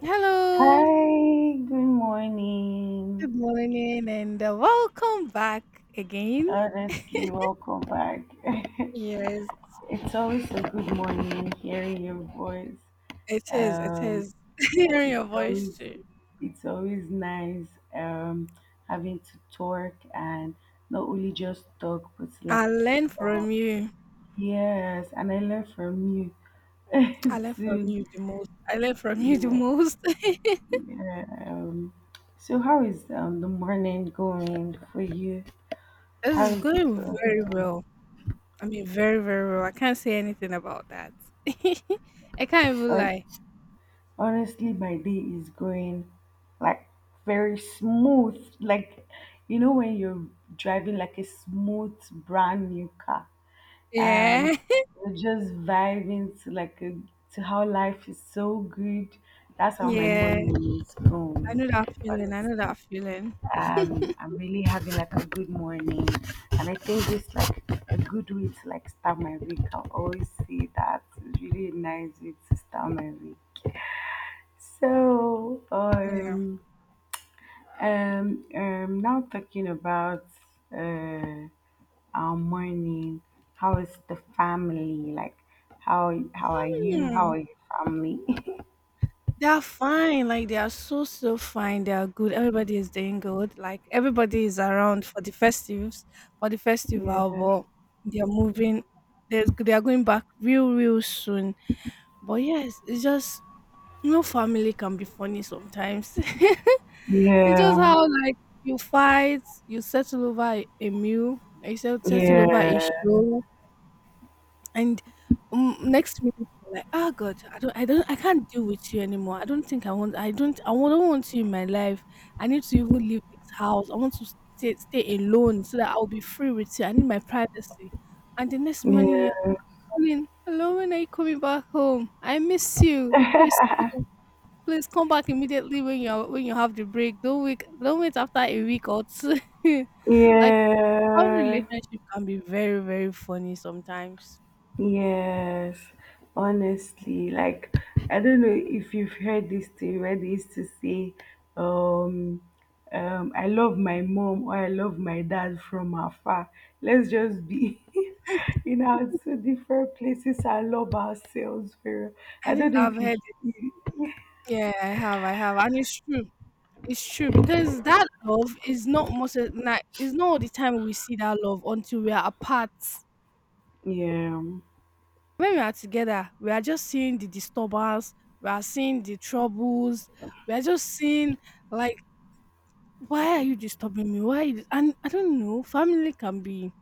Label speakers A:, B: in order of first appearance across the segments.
A: Hello,
B: Hi, good morning.
A: good morning, and welcome back again.
B: Honestly, welcome back.
A: Yes,
B: It's always a good morning hearing your voice.
A: it is. It
B: Um,
A: is. Hearing
B: it's
A: your voice
B: always
A: too.
B: it's always nice, um, having to talk and not only just talk, but like
A: I learn
B: uh,
A: from you.
B: yes, and I learn from
A: I
B: you
A: learn from
B: too.
A: you the most. I learn from you the
B: Yeah.
A: most.
B: Um, so how is the morning going for you? How
A: This is
B: is it
A: going very
B: going?
A: well. I mean, very, very well. I can't say anything about that. I can't even lie.
B: Honestly, my day is going like very smooth. Like, you know, when you're driving like a smooth, brand new car and
A: Yeah.
B: you're just vibing to to how life is so good. That's how my
A: Yeah.
B: morning is
A: I
B: going.
A: know that feeling. I know
B: Honestly,
A: that feeling.
B: I'm really having like a good morning, and I think it's like a good way to like start my week. I always say that it's really a nice way to start my week. So,
A: Yeah.
B: um, um, um, now talking about uh, our morning. How is the family? Like, how are you? How are your family?
A: They are fine. Like they are so so fine. They are good. Everybody is doing good. Like everybody is around for the festives, for the
B: Yeah,
A: festival. But they are moving. They are going back real real soon. But yes, it's just family can be funny sometimes. It's
B: yeah,
A: just how like you fight, you settle over a meal, you settle over a
B: yeah,
A: show. And next minute you're like, oh God, I don't, I can't deal with you anymore. I don't think I want, I don't, I wa- don't want you in my life. I need to even leave this house. I want to stay alone so that I'll be free with you. I need my privacy." And the next morning you're
B: yeah,
A: calling, "Hello, when are you coming back home? I miss you. I miss you. Please come back immediately when you have the break. Don't wait, after a week or two. like." How
B: yeah.
A: relationship can be very, very funny sometimes.
B: Yes, honestly, like I don't know if you've heard this thing where they used to say, um, I love my mom or I love my dad from afar. Let's just be in our two different places and love ourselves. Very. I
A: I think
B: don't know
A: I've
B: if you.
A: heard. Yeah, I have, and it's true. It's true because that love is not most of- na it's not all the time we see that love until we are apart.
B: Yeah,
A: When we are together, we are just seeing the disturbance, we are seeing the troubles, we are just seeing like, why are you disturbing me? Why? And I don't know, family can be.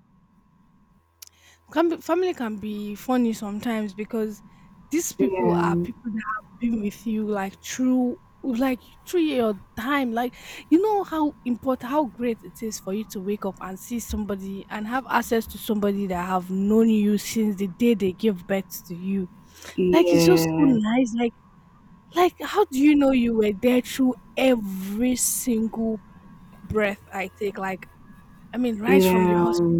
A: Funny sometimes because these people are
B: yeah,
A: people that have been with you like through like your time. Like you know how important how great it is for you to wake up and see somebody and have access to somebody that have known you since the day they gave birth to you. Like it's just so
B: yeah,
A: nice. Like how do you know you were there through every single breath I take? Like I mean, right from the
B: yeah,
A: hospital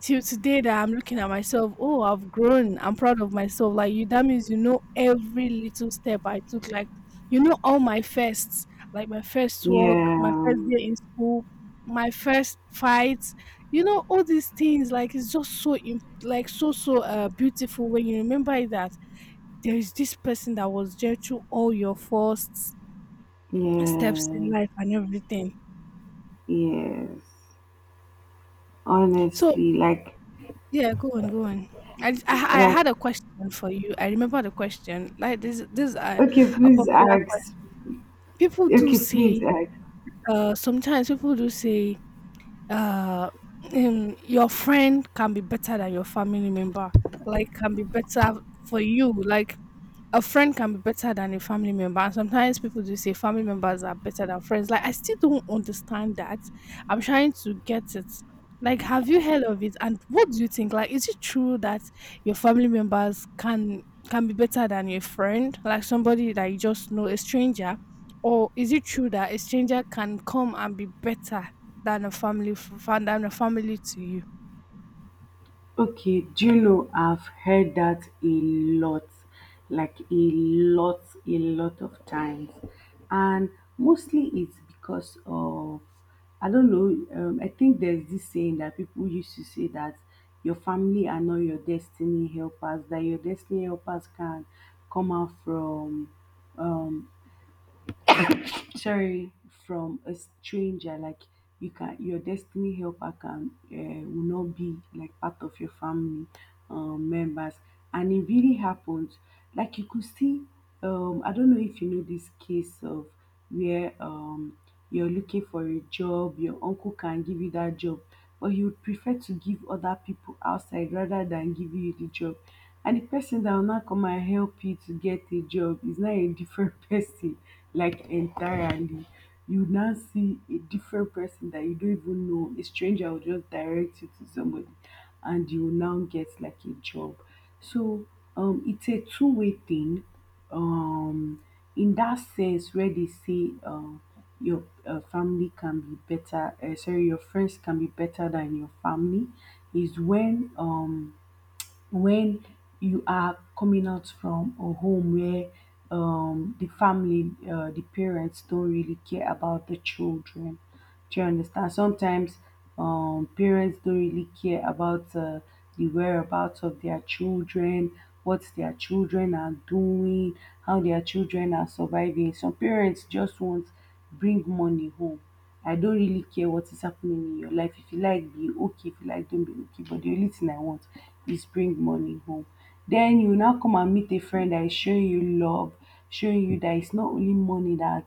A: till today that I'm looking at myself, oh, I've grown. I'm proud of myself. Like you, that means you know every little step I took. Like you know all my firsts, like my first walk, my first day in school, my first fight. You know all these things. Like it's just like so so beautiful when you remember that there is this person that was there through all your first
B: yeah,
A: steps in
B: yeah,
A: life and everything.
B: yes.
A: So.
B: Honestly, like,
A: Yeah, go on, go on. I, just- I
B: like.
A: had a question for you. I remember the question. Like this is
B: Okay,
A: a
B: please
A: popular
B: ask.
A: question. People do
B: Okay, please
A: say.
B: ask.
A: Sometimes people do say. Uh, your friend can be better than your family member. Like, can be better for you. Like, a friend can be better than a family member, and sometimes people do say family members are better than friends. Like, I still don't understand that. I'm trying to get it. Like, have you heard of it? And what do you think? Like, is it true that your family members can be better than your friend, like somebody that you just know, a stranger? Or is it true that a stranger can come and be better than a family to you?
B: Okay, do you know I've heard that a lot, like a lot of times, and mostly it's because of, I don't know. I think there's this saying that people used to say that your family are not your destiny helpers. That your destiny helpers can come out from um sorry from a stranger. Like, your destiny helper can will not be like part of your family members, and it really happened. Like you could see, I don't know if you know this case of where, you're looking for a job, your uncle can give you that job, but he would prefer to give other people outside rather than give you the job. And the person that will not come and help you to get a job is now a different person, like entirely. You now see a different person that you don't even know. A stranger will just direct you to somebody, and you will now get like a job. So it's a two-way thing. Um, in that sense, where they say your family can be better, sorry, your friends can be better than your family, is when you are coming out from a home where, the family, the parents don't really care about the children. Do you understand? Sometimes parents don't really care about the whereabouts of their children, what their children are doing, how their children are surviving. Some parents just want, bring money home. I don't really care what is happening in your life. If you like, be okay. If you like, don't be okay. But the only thing I want is bring money home. Then you now come and meet a friend that is showing you love, showing you that it's not only money that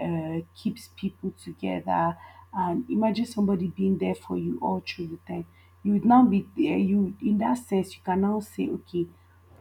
B: keeps people together. And imagine somebody being there for you all through the time. You would now be there. You, in that sense, you can now say, okay,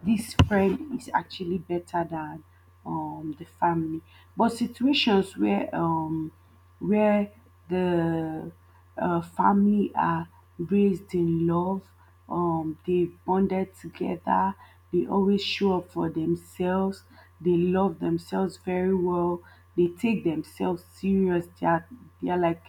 B: this friend is actually better than the family. But situations where where the family are raised in love. They bonded together. They always show up for themselves. They love themselves very well. They take themselves serious. They are like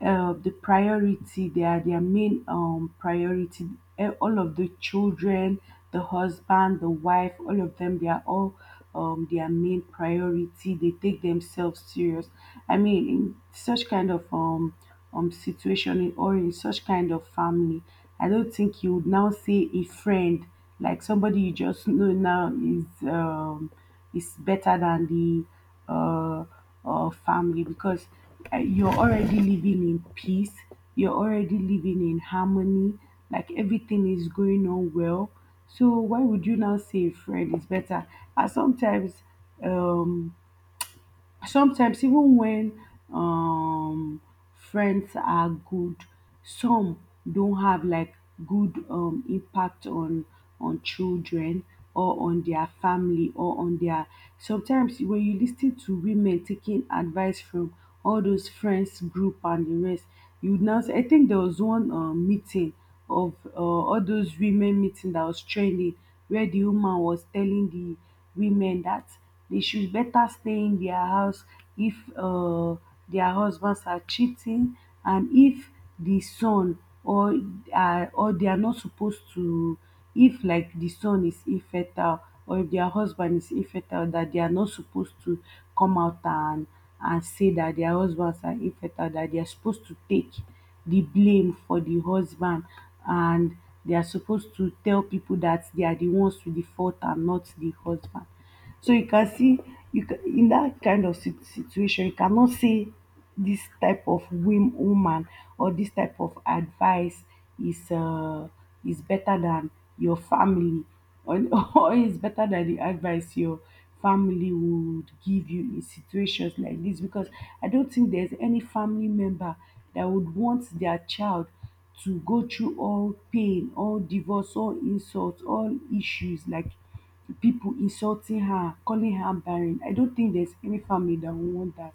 B: the priority, they are their main priority. All of the children, the husband, the wife, all of them, they are all their main priority. They take themselves serious. I mean, in such kind of situation, or in such kind of family, I don't think you would now say a friend, like somebody you just know now, is better than the uh, family, because you're already living in peace, you're already living in harmony, like everything is going on well. So why would you now say a friend is better? And sometimes, um even when um friends are good, some don have like good impact on children, or on their family, or on their. Sometimes when you lis ten to women taking advice from all those friends group and the rest, you now I think there was one meeting of all those women meeting that was trending, where the woman was telling the women that they should better stay in their house if their husbands are cheating, and if the son or are or they are not supposed to, if like the son is infertile or if their husband is infertile, that they are not supposed to come out and say that their husbands are infertile, that they are supposed to take the blame for the husband, and they are supposed to tell people that they are the ones with the fault and not the husband. So you can see, you can, in that kind of situation, you cannot say this type of woman or this type of advice is uh, is better than your family, or, or is better than the advice your family would give you in situations like this, because I don't think there's any family member that would want their child to go through all pain, all divorce, all insults, all issues, like, to people insulting her, calling her barren. I don't think there's any family that would want that.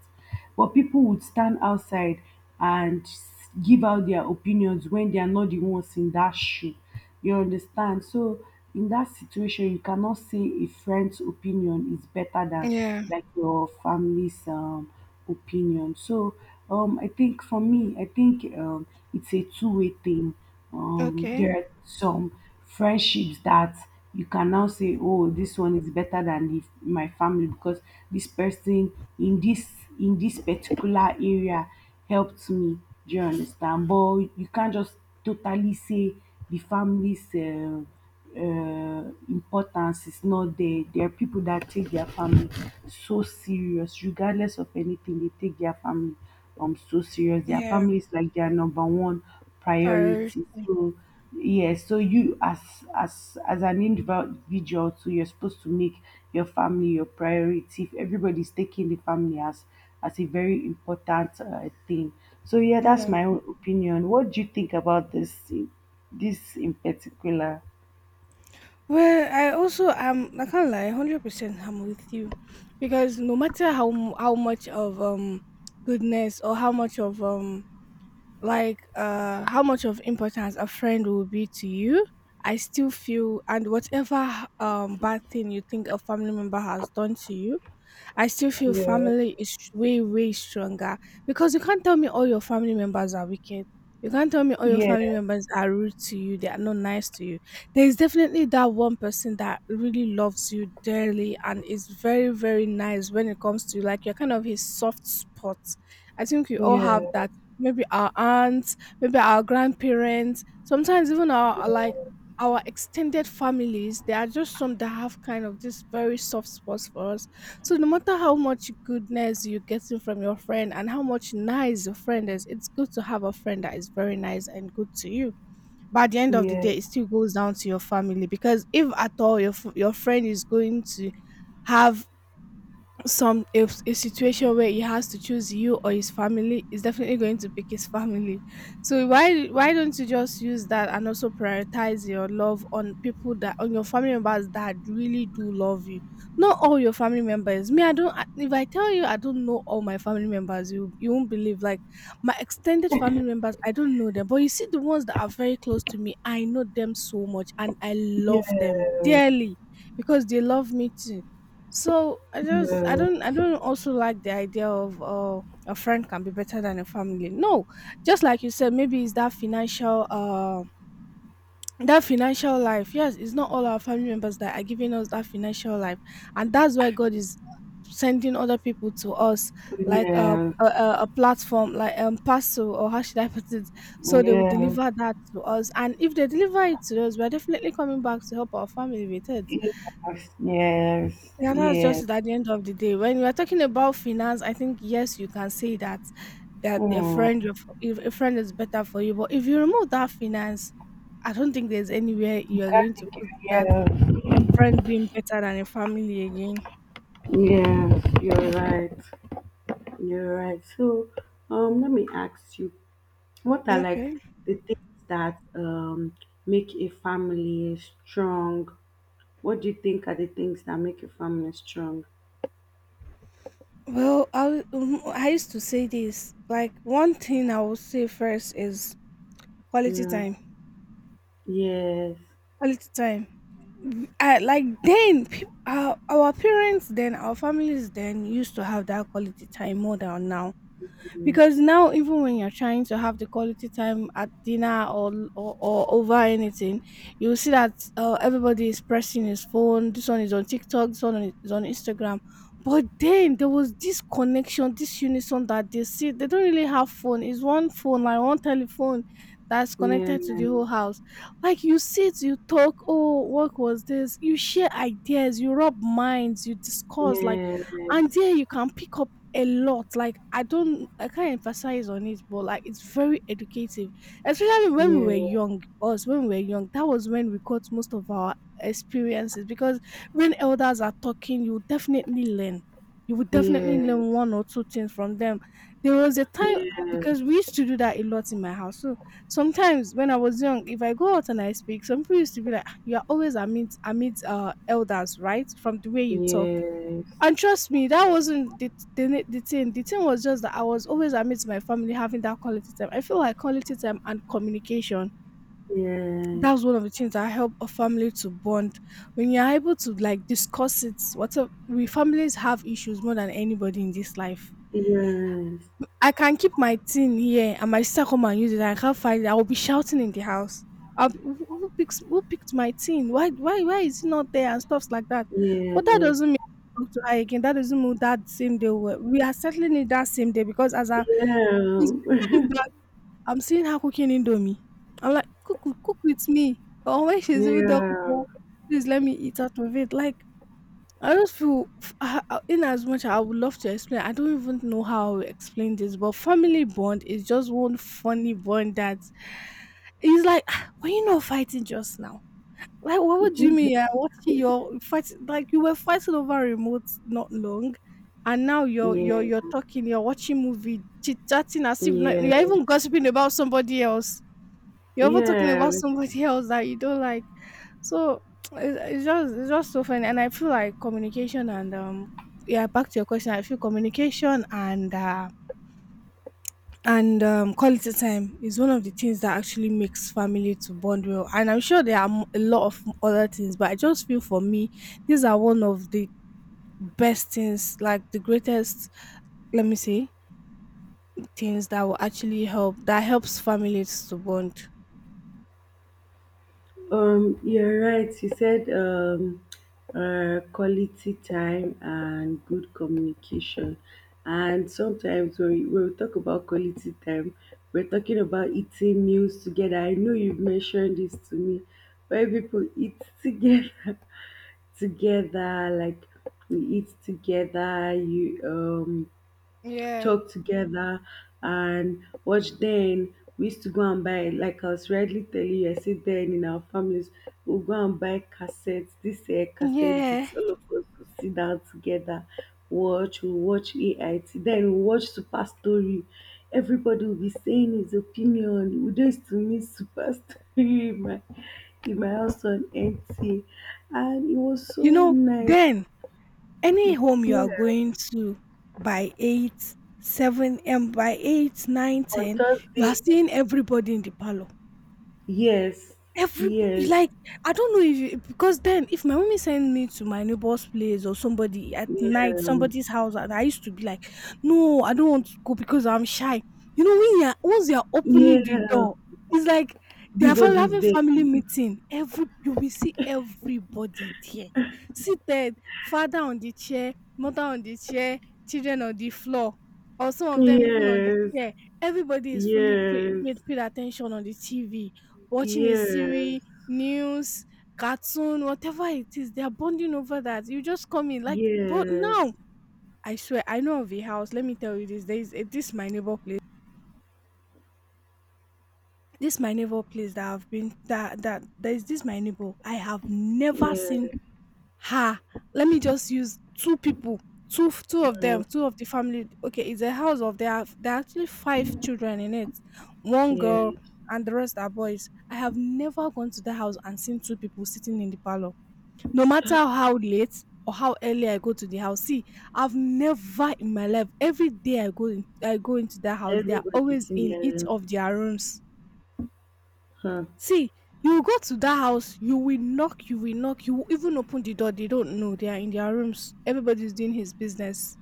B: But people would stand outside and give out their opinions when they are not the ones in that shoe. You understand? So in that situation, you cannot say a friend's opinion is better than
A: Yeah.
B: like your family's opinion. So I think for me, I think it's a two-way thing.
A: Okay.
B: There are some friendships that you can now say, oh, this one is better than my family, because this person in this in this particular area helped me. Do you understand? But you can't just totally say the family's uh, importance is not there. There are people that take their family so serious, regardless of anything, they take their family so serious. Their
A: Yeah.
B: family is like their number one
A: Prior.
B: priority. So yeah, so you as an individual too, you're supposed to make your family your priority, if everybody's taking the family as a very important thing. So yeah, that's
A: Yeah.
B: my own opinion. What do you think about this in particular?
A: Well, I also am. I can't lie, 100%. I'm with you, because no matter how much of goodness or how much of like how much of importance a friend will be to you, I still feel and whatever bad thing you think a family member has done to you, I still feel
B: Yeah,
A: family is way, way stronger because you can't tell me all your family members are wicked. You can't tell me all your
B: yeah,
A: family members are rude to you. They are not nice to you. There is definitely that one person that really loves you dearly and is very, very nice when it comes to you. Like you're kind of his soft spot. I think we all have
B: yeah,
A: that. Maybe our aunts, maybe our grandparents, sometimes even our like
B: yeah,
A: our extended families. There are just some that have kind of this very soft spots for us, so no matter how much goodness you're getting from your friend and how much nice your friend is, it's good to have a friend that is very nice and good to you. But at the end of the
B: yes,
A: day, it still goes down to your family because if at all your friend is going to have some if a situation where he has to choose you or his family, is definitely going to pick his family. So why don't you just use that and also prioritize your love on people that on your family members that really do love you. Not all your family members. Me, I don't I- if I tell you, I don't know all my family members. You won't believe. Like my extended family members, I don't know them, but you see the ones that are very close to me, I know them so much, and I
B: yes,
A: love them dearly because they love me too. So
B: yes, yes,
A: I don't also like the idea of a friend can be better than a family. No, just like you said, maybe it's that financial life. Yes, it's not all our family members that are giving us that financial life, and that's why God is sending other people to us like a platform like parcel, or how should I put it, so they will deliver that to us. And if they deliver it to us, we're definitely coming back to help our family with it.
B: yes, yes,
A: Yeah, that's just
B: yes.
A: it at the end of the day. When you are talking about finance, I think yes, you can say that that a friend
B: Mm.
A: your if a friend is better for you. But if you remove that finance, I don't think there's anywhere you are going to
B: Carnegie,
A: put that
B: yes,
A: friend being better than a family again.
B: yes, you're right, you're right. So, let me ask you, what are like
A: Okay.
B: the things that make a family strong? What do you think are the things that make a family strong?
A: Well, I used to say this. Like one thing I would say first is quality
B: Yeah,
A: time.
B: yes,
A: Quality time. I like then our parents then our families then used to have that quality time more than now. Because now even when you're trying to have the quality time at dinner or over anything, you'll see that everybody is pressing his phone. This one is on TikTok, this one is on Instagram. But then there was this connection, this unison that they see, they don't really have phone, it's one phone like one telephone that's
B: yeah.
A: connected to the whole house. Like you sit, you talk, oh what was this, you share ideas, you rub minds, you discuss, like, and
B: Yes,
A: there you can pick up a lot. Like I can't emphasize on it, but like it's very educative. Especially when we were
B: yes,
A: young, us when we were young, that was when we got most of our experiences because when elders are talking, you definitely learn. You would definitely
B: yes,
A: learn
B: yes,
A: one or two things from them. There was a time because we used to do that a lot in my house. So sometimes when I was young, if I go out and I speak, some people used to be like, "Ah, "You are always amid elders, right? From the way you talk."
B: yes,
A: And trust me, that wasn't the thing. The thing was just that I was always amidst my family having that quality time. I feel like quality time and communication.
B: yes,
A: That's one of the things that help a family to bond. When you're able to like discuss it, whatever we families have issues more than anybody in this life.
B: yes,
A: I can keep my thing here and my sister come and use it. I can't find it. I will be shouting in the house. I'll be, who picked my thing? Why is it not there and stuffs like that? But that doesn't mean I talk to her again. That doesn't mean that same day we are settling it that same day because as
B: yes,
A: I she's
B: yeah,
A: bringing it back, I'm seeing her cooking indomie. I'm like cook cook cook with me. Or when she's even done cooking,
B: yeah.
A: please let me eat out of it. Like I just feel, in as much I would love to explain, I don't even know how to explain this, but family bond is just one funny bond that it's like, "Ah, were you not fighting just now? Like, what
B: Did
A: would you
B: you?
A: mean? Yeah, what your fight? Like, you were fighting over remote not long, and now you're you're
B: Yeah,
A: you're talking, you're watching movie, chit chatting as if not,
B: yes,
A: you're even gossiping about somebody else. You're ever talking about
B: yes.
A: somebody else that you don't like. So it's just so funny, and I feel like communication and yeah. Back to your question, I feel communication and quality time is one of the things that actually makes family to bond well. And I'm sure there are a lot of other things, but I just feel for me, these are one of the best things, like the greatest. Let me say things that will actually help that helps families to bond.
B: You're right. You said quality time and good communication. And sometimes when we talk about quality time, we're talking about eating meals together. I know you've mentioned this to me, where people eat together, together, like we eat together. You
A: Yeah.
B: talk together and watch, then we used to go and buy, like I was rightly telling you, I said then in our families we'll go and buy cassettes, this cassette
A: Yeah.
B: discs, all of us will sit down together, watch we'll watch ait, then we'll watch super story. Everybody will be saying his opinion. We just used to miss super story in my house on nt, and it was so
A: You know,
B: nice.
A: then any home you are
B: Yeah,
A: going to by 8 7 and by 8 9,
B: on
A: 10, you are
B: thursdays,
A: seeing everybody in the parlor.
B: yes,
A: Every,
B: yes.
A: like, I don't know if you, because then if my mommy send me to my neighbor's place or somebody at night
B: Yeah,
A: somebody's house and I used to be like, no, I don't want to go because I'm shy. You know when you're, once you're opening the
B: yeah.
A: door, it's like they are
B: Everybody's
A: having
B: there.
A: family meeting, every you will see everybody there seated, father on the chair, mother on the chair, children on the floor, or some of them even on the
B: Yes,
A: chair, everybody is fully paid,
B: yes,
A: paid, paid attention on the TV, watching a
B: yes,
A: series, news, cartoon, whatever it is, they are bonding over that. You just come in like, but
B: yes,
A: now I swear I know of a house. Let me tell you this. There is a, this my neighbor place. This my neighbor place that I've been that there is this my neighbor. I have never seen
B: yes,
A: her. Let me just use two people. Two, two of
B: mm,
A: them, two of the family. Okay, it's a house of there are actually 5 children in it. One girl
B: yes.
A: and the rest are boys. I have never gone to the house and seen two people sitting in the parlor. No matter how late or how early I go to the house, see, I've never in my life, every day I go in, I go into that house, they are
B: Everybody's
A: always
B: in
A: in each
B: there.
A: of their rooms.
B: Huh.
A: See, you go to that house, you will knock, you will knock, you will even open the door, they don't know, they are in their rooms. Everybody's doing his business.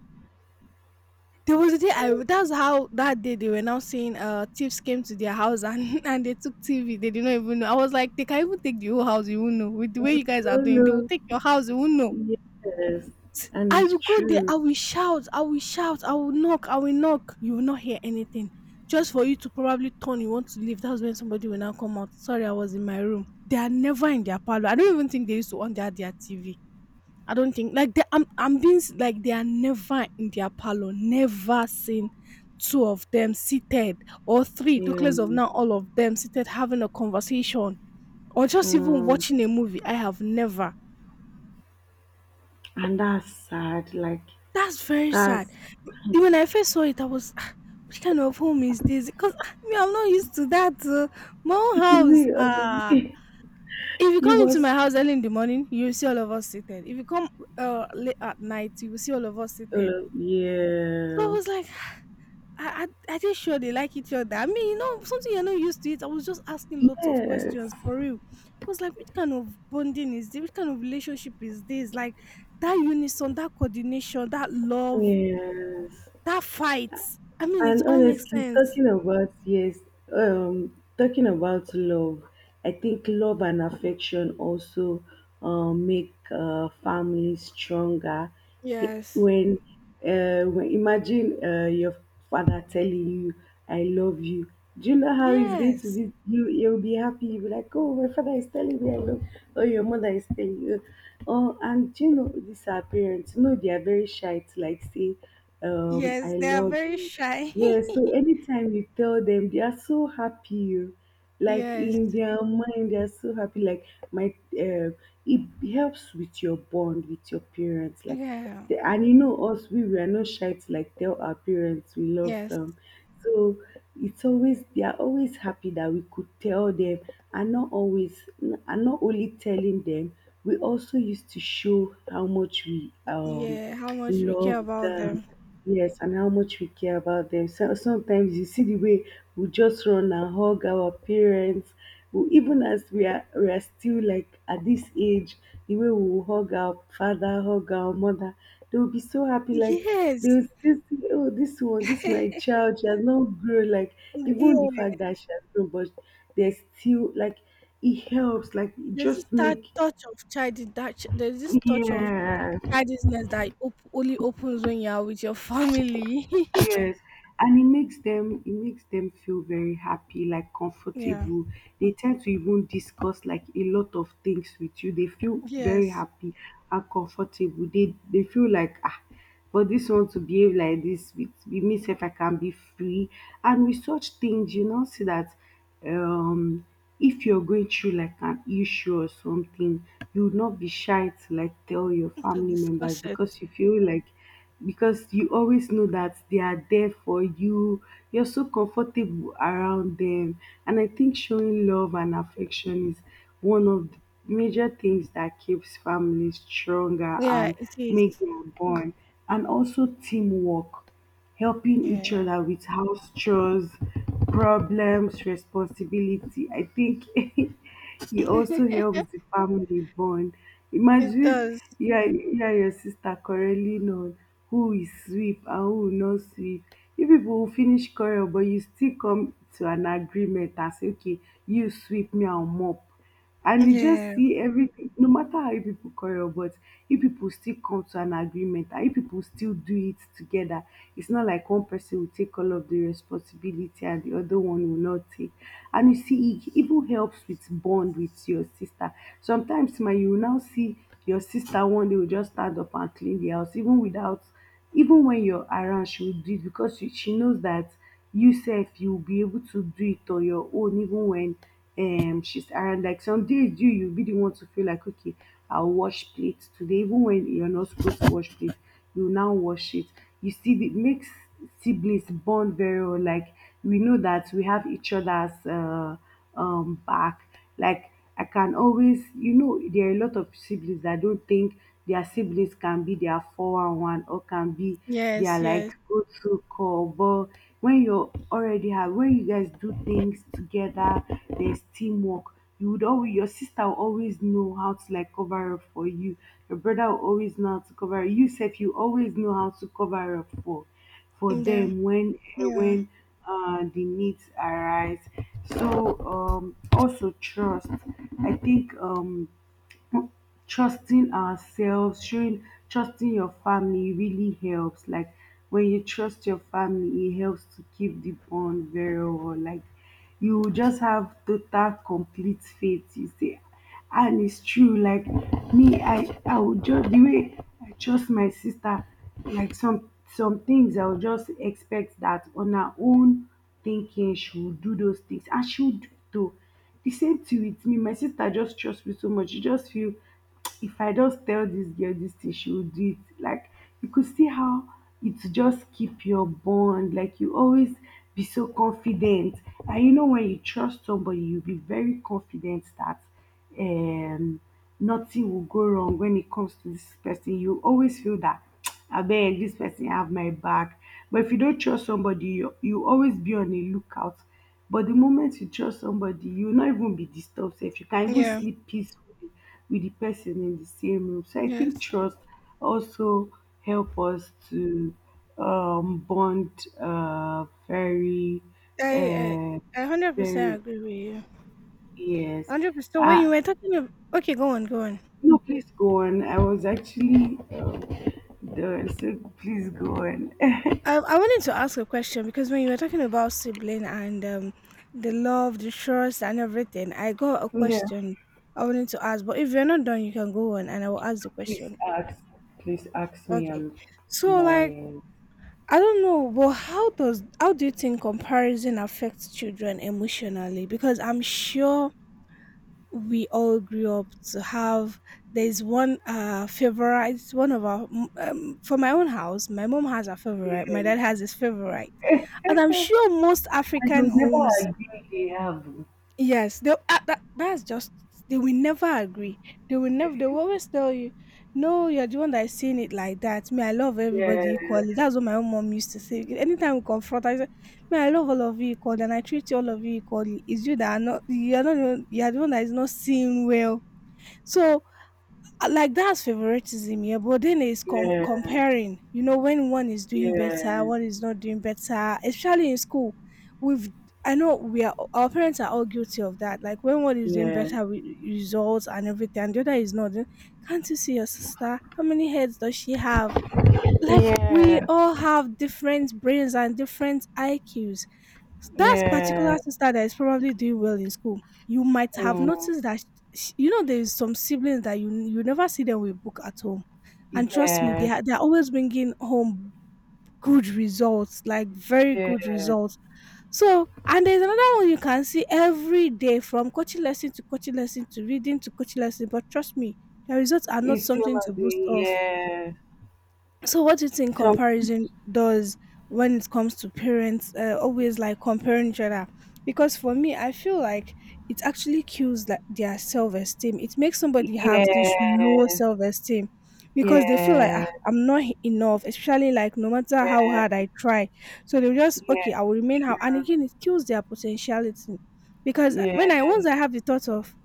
A: There was a day I,
B: And
A: that's how that day they were now saying thieves came to their house and and they took TV. They did not even know. I was like, they can even take the whole house, you won't know. With the way
B: you
A: you guys are doing, they will
B: follow.
A: take your house, you won't know.
B: Yes, and
A: I
B: it's
A: will go there.
B: true.
A: I will shout. I will shout. I will knock. I will knock. You will not hear anything. Just for you to probably turn, you want to leave. That's when somebody will now come out. Sorry, I was in my room. They are never in their parlor. I don't even think they used to on their TV. I don't think like they, I'm being like they are never in their parlor. Never seen two of them seated or three. Talk
B: Yeah.
A: less of now all of them seated having a conversation or just even
B: Mm.
A: watching a movie. I have never.
B: And that's sad. Like
A: That's very sad.
B: that's
A: When I first saw it, I was, "Ah, which kind of home is this?" Because me, I'm not used to that. My own
B: you
A: house.
B: mean,
A: Ah, if you
B: you
A: come into
B: was
A: my house early in the morning, you will see all of us seated. If you come late at night, you will see all of us seated. So I
B: yeah.
A: was like, "Ah, I just sure they like each other. I mean, you know, something you're not used to it. I was just asking lots of
B: Yes.
A: questions for real. I was like, which kind of bonding is this? Which kind of relationship is this? Like that unison, that coordination, that love.
B: Yes.
A: That fight. I mean, it
B: And
A: all makes
B: honestly,
A: sense.
B: talking about, yes, talking about love, I think love and affection also make families stronger.
A: Yes.
B: When, when, imagine your father telling you, "I love you," do you know how he's going to
A: Yes.
B: be? You'll be happy. You'll be like, "Oh, my father is telling me I love," you," or your mother is telling you. Oh, and do you know these are parents. You know they are very shy to like say,
A: Yes,
B: "I
A: they are
B: love
A: very
B: you."
A: shy.
B: Yes, so anytime you tell them, they are so happy. Oh. Like
A: Yes.
B: in their mind, they are so happy. Like my, uh, it helps with your bond with your parents. Like,
A: Yeah.
B: and you know us, we are not shy to like tell our parents we love
A: Yes.
B: them. So it's always they are always happy that we could tell them, and not always, and not only telling them, we also used to show how much we
A: Yeah. How much we
B: love
A: care about
B: them.
A: them.
B: Yes, and how much we care about them. So sometimes you see the way we just run and hug our parents. We, even as we are still like at this age, the way we will hug our father, hug our mother, they will be so happy. Like they
A: Yes.
B: will still see, oh, this one, this my child, she has not grown. Like
A: Yeah.
B: even the fact that she has grown, but there's still like it helps. Like it
A: There's this
B: just
A: that
B: make
A: touch of child that there's this touch of
B: yeah.
A: childishness that only opens when you are with your family.
B: Yes, and it makes them, it makes them feel very happy, like
A: yeah.
B: comfortable. They tend to even discuss like a lot of things with you. They feel very
A: Yes.
B: happy and comfortable. They feel like ah, for this one to behave like this with me if I can be free. And with such things, you know, see that um if you're going through like an issue or something, you would not be shy to like tell your
A: To
B: family members
A: discuss it.
B: because you feel like, because you always know that they are there for you. You're so comfortable around them. And I think showing love and affection is one of the major things that keeps families stronger
A: Yeah,
B: and
A: it is.
B: make their bond. And also teamwork, helping each
A: Yeah.
B: other with house chores, problems, responsibility. I think it also helps the family bond.
A: It
B: Imagine
A: does.
B: you are your sister quarreling on who will sweep and who will not sweep. You people will finish quarrel, but you still come to an agreement and say, okay, you sweep, me, I'll mop. And you just
A: Yeah.
B: see everything, no matter how you people quarrel, but if people still come to an agreement and if people still do it together. It's not like one person will take all of the responsibility and the other one will not take. And you see, it even helps with bond with your sister. Sometimes, ma, you will now see your sister one day will just stand up and clean the house, even without, even when you're around she will do it because she knows that you self you'll be able to do it on your own even when she's around. Like some days you you'll be the one to feel like okay, I'll wash plates today even when you're not supposed to wash plates, you now wash it. You see it makes siblings bond very well. Like we know that we have each other's back. Like I can always, you know, there are a lot of siblings that don't think their siblings can be their 411 or can be their
A: Yes,
B: like
A: yes.
B: go to call. But when you already have, when you guys do things together, there's teamwork. You would always, your sister will always know how to like cover up for you. Your brother will always know how to cover. You said you always know how to cover up for
A: Yeah.
B: them when eh,
A: Yeah,
B: when the needs arise. So also trust. I think trusting ourselves, showing trusting your family really helps. Like when you trust your family, it helps to keep the bond very well. Like you just have total complete faith. You say, and it's true. Like me, I would just, the way I trust my sister. Like some things, I would just expect that on her own thinking, she will do those things, and she will do it. Though the same thing with me. My sister just trusts me so much. You just feel if I just tell this girl this thing, she will do it. Like you could see how it just keep your bond. Like you always be so confident, and you know when you trust somebody, you be very confident that um nothing will go wrong when it comes to this person. You always feel that I beg this person have my back. But if you don't trust somebody, you always be on a lookout. But the moment you trust somebody, you will not even be disturbed, sef. You can even
A: yeah,
B: sleep peacefully with the person in the same room. So I think
A: yes.
B: trust also help us to bond very,
A: I I
B: uh,
A: I 100%
B: very
A: agree with you.
B: yes.
A: 100%. So when you
B: Uh,
A: were talking of, okay, go on, go on.
B: no, please go on. I was actually done, so please go on.
A: I wanted to ask a question because when you were talking about sibling and the love, the trust, and everything, I got a
B: Yeah.
A: question I wanted to ask. But if you're not done, you can go on, and I will ask the
B: Please
A: question.
B: ask. Please ask me.
A: Okay.
B: I'm
A: So
B: all
A: like,
B: ears.
A: I don't know, but how does how do you think comparison affects children emotionally? Because I'm sure we all grew up to have there's one favorite one of our for my own house, my mom has a favorite, my
B: Yes.
A: dad has his favorite, and I'm sure most
B: And they'll
A: African
B: never
A: homes,
B: agree they have.
A: yes, they that, that's just they will never agree, they will never, they will always tell you, no, you're the one that's seeing it like that, me I love everybody
B: Yeah.
A: equally, that's what my own mom used to say anytime we confront. I say, me I love all of you equally and I treat you all of you equally, it's you that are not, you're not the you're the one that is not seeing well. So, like that's favoritism, yeah. But then it's
B: Yes,
A: comparing, you know, when one is doing better,
B: yes,
A: one is not doing better, especially in school. We've, I know we are, our parents are all guilty of that. Like when one is doing
B: yes.
A: better with results and everything, and the other is not, then, can't you see your sister? How many heads does she have? Like we
B: Yeah.
A: all have different brains and different IQs. That
B: Yeah.
A: particular sister that is probably doing well in school, you might have
B: Mm.
A: noticed that sh, you know, there is some siblings that you never see them with book at home, and trust me,
B: Yes.
A: they are always bringing home good results, like very
B: Yes.
A: good results. So, and there's another one you can see every day from coaching lesson to reading to coaching lesson. But trust me, the results are not
B: It's still
A: something to
B: not
A: boast
B: the
A: of.
B: yes.
A: So, what do you think
B: Some
A: comparison does when it comes to parents always like comparing each other? Because for me, I feel like it actually kills like, their self esteem. It makes somebody have this low
B: yes.
A: self esteem because they feel like "Ah,
B: Yes.
A: I'm not enough, especially like no matter how hard
B: Yes.
A: I try." So they just, okay,
B: Yes.
A: I will remain how. And
B: True.
A: again, it kills their potentiality because when I,
B: Yes.
A: once I have the thought of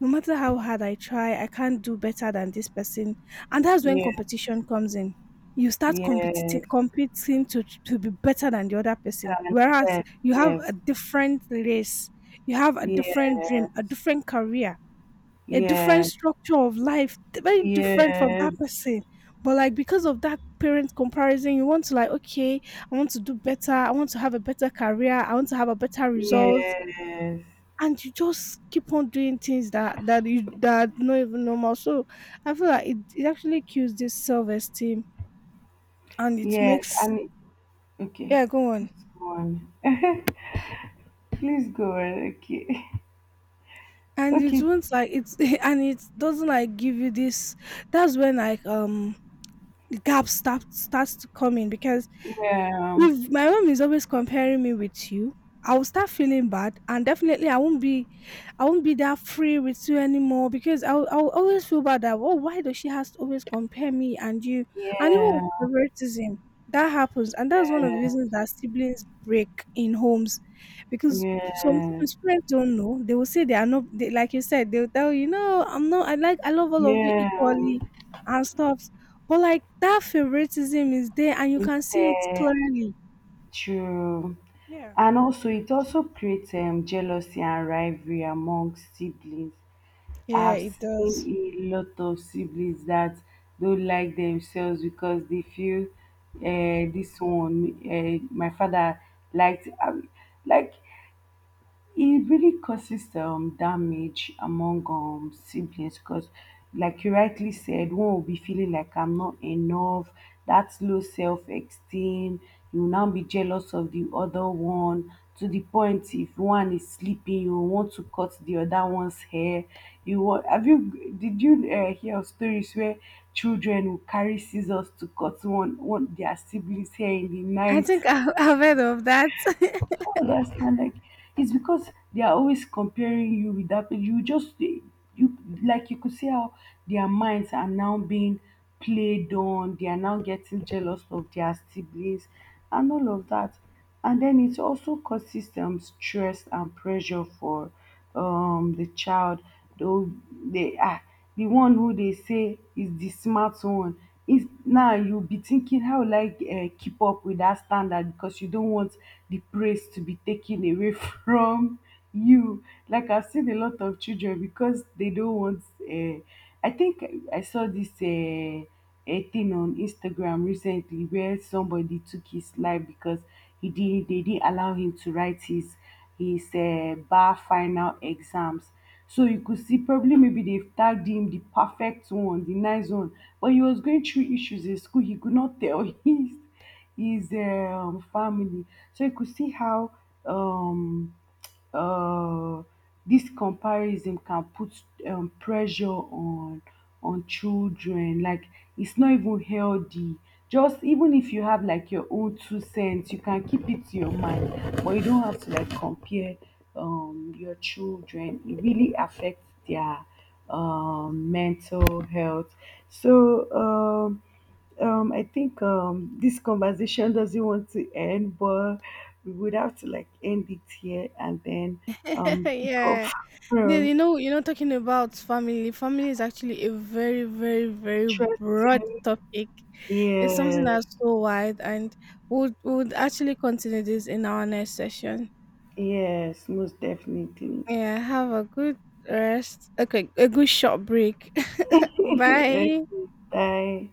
A: no matter how hard I try, I can't do better than this person. And that's when
B: Yes.
A: competition comes in. You start
B: Yes.
A: competing, competing to be better than the other person.
B: And
A: Whereas you have
B: yes.
A: a
B: Yes.
A: different race, you have a
B: Yes.
A: different dream, a different career, a different
B: Yes.
A: structure of life, very different from
B: Yes.
A: that person. But like because of that parent comparison, you want to like, okay, I want to do better, I want to have a better career, I want to have a better result,
B: Yes.
A: and you just keep on doing things that that you that are not even normal. So I feel like it actually kills this self esteem and it
B: Yes.
A: makes
B: And okay.
A: yeah go on
B: Please go on. Please go on. Okay.
A: and it
B: Okay.
A: won't like it's and it doesn't like give you this. That's when like the gap starts to come in because
B: Yeah.
A: if my mom is always comparing me with you, I will start feeling bad, and definitely I won't be that free with you anymore because I'll always feel bad that, oh, why does she has to always compare me and you, and even
B: Yeah.
A: with favoritism that happens, and that's one of the
B: Yeah.
A: reasons that siblings break in homes, because
B: Yeah.
A: sometimes parents don't know, they will say they are not they, like you said, they'll tell you, no, I'm not, I like, I love all of you
B: Yeah.
A: equally and stuff, but like that favoritism is there and you
B: It's
A: can see it clearly.
B: true.
A: Yeah.
B: And also, it also creates jealousy and rivalry among siblings.
A: Yeah,
B: I've
A: it does.
B: seen a lot of siblings that don't like themselves because they feel this one, my father liked, I mean, like it really causes damage among siblings because, like you rightly said, one will be feeling like I'm not enough, that's low self esteem. You will now be jealous of the other one to the point if one is sleeping, you want to cut the other one's hair. You want, have you did you hear of stories where children will carry scissors to cut one their siblings' hair in the
A: I
B: night?
A: think I've, I've heard of that.
B: I don't understand. Like, it's because they are always comparing you with that. You like you could see how their minds are now being played on. They are now getting jealous of their siblings and all of that. And then it also causes stress and pressure for the child. Though they are the one who they say is the smart one. Is now you will be thinking how will I keep up with that standard because you don't want the praise to be taken away from you. Like I've seen a lot of children because they don't want I think I saw this a thing on Instagram recently where somebody took his life because he didn't they didn't allow him to write his bar final exams. So you could see probably maybe they've tagged him the perfect one, the nice one. But he was going through issues in school. He could not tell his family. So you could see how um uh, this comparison can put pressure on children. Like it's not even healthy. Just even if you have like your own two cents you can keep it to your mind, but you don't have to like compare your children. It really affects their mental health. So I think this conversation doesn't want to end, but we would have to like end it here and then pick up
A: yeah. Then
B: from
A: you know, talking about family. Family is actually a very, very, very broad
B: trusting.
A: topic. It's something
B: Yeah,
A: that's so wide, and we'll actually continue this in our next session.
B: yes, yes, most definitely.
A: Yeah. Have a good rest. Okay, a good short break.
B: Okay,
A: Bye.
B: bye.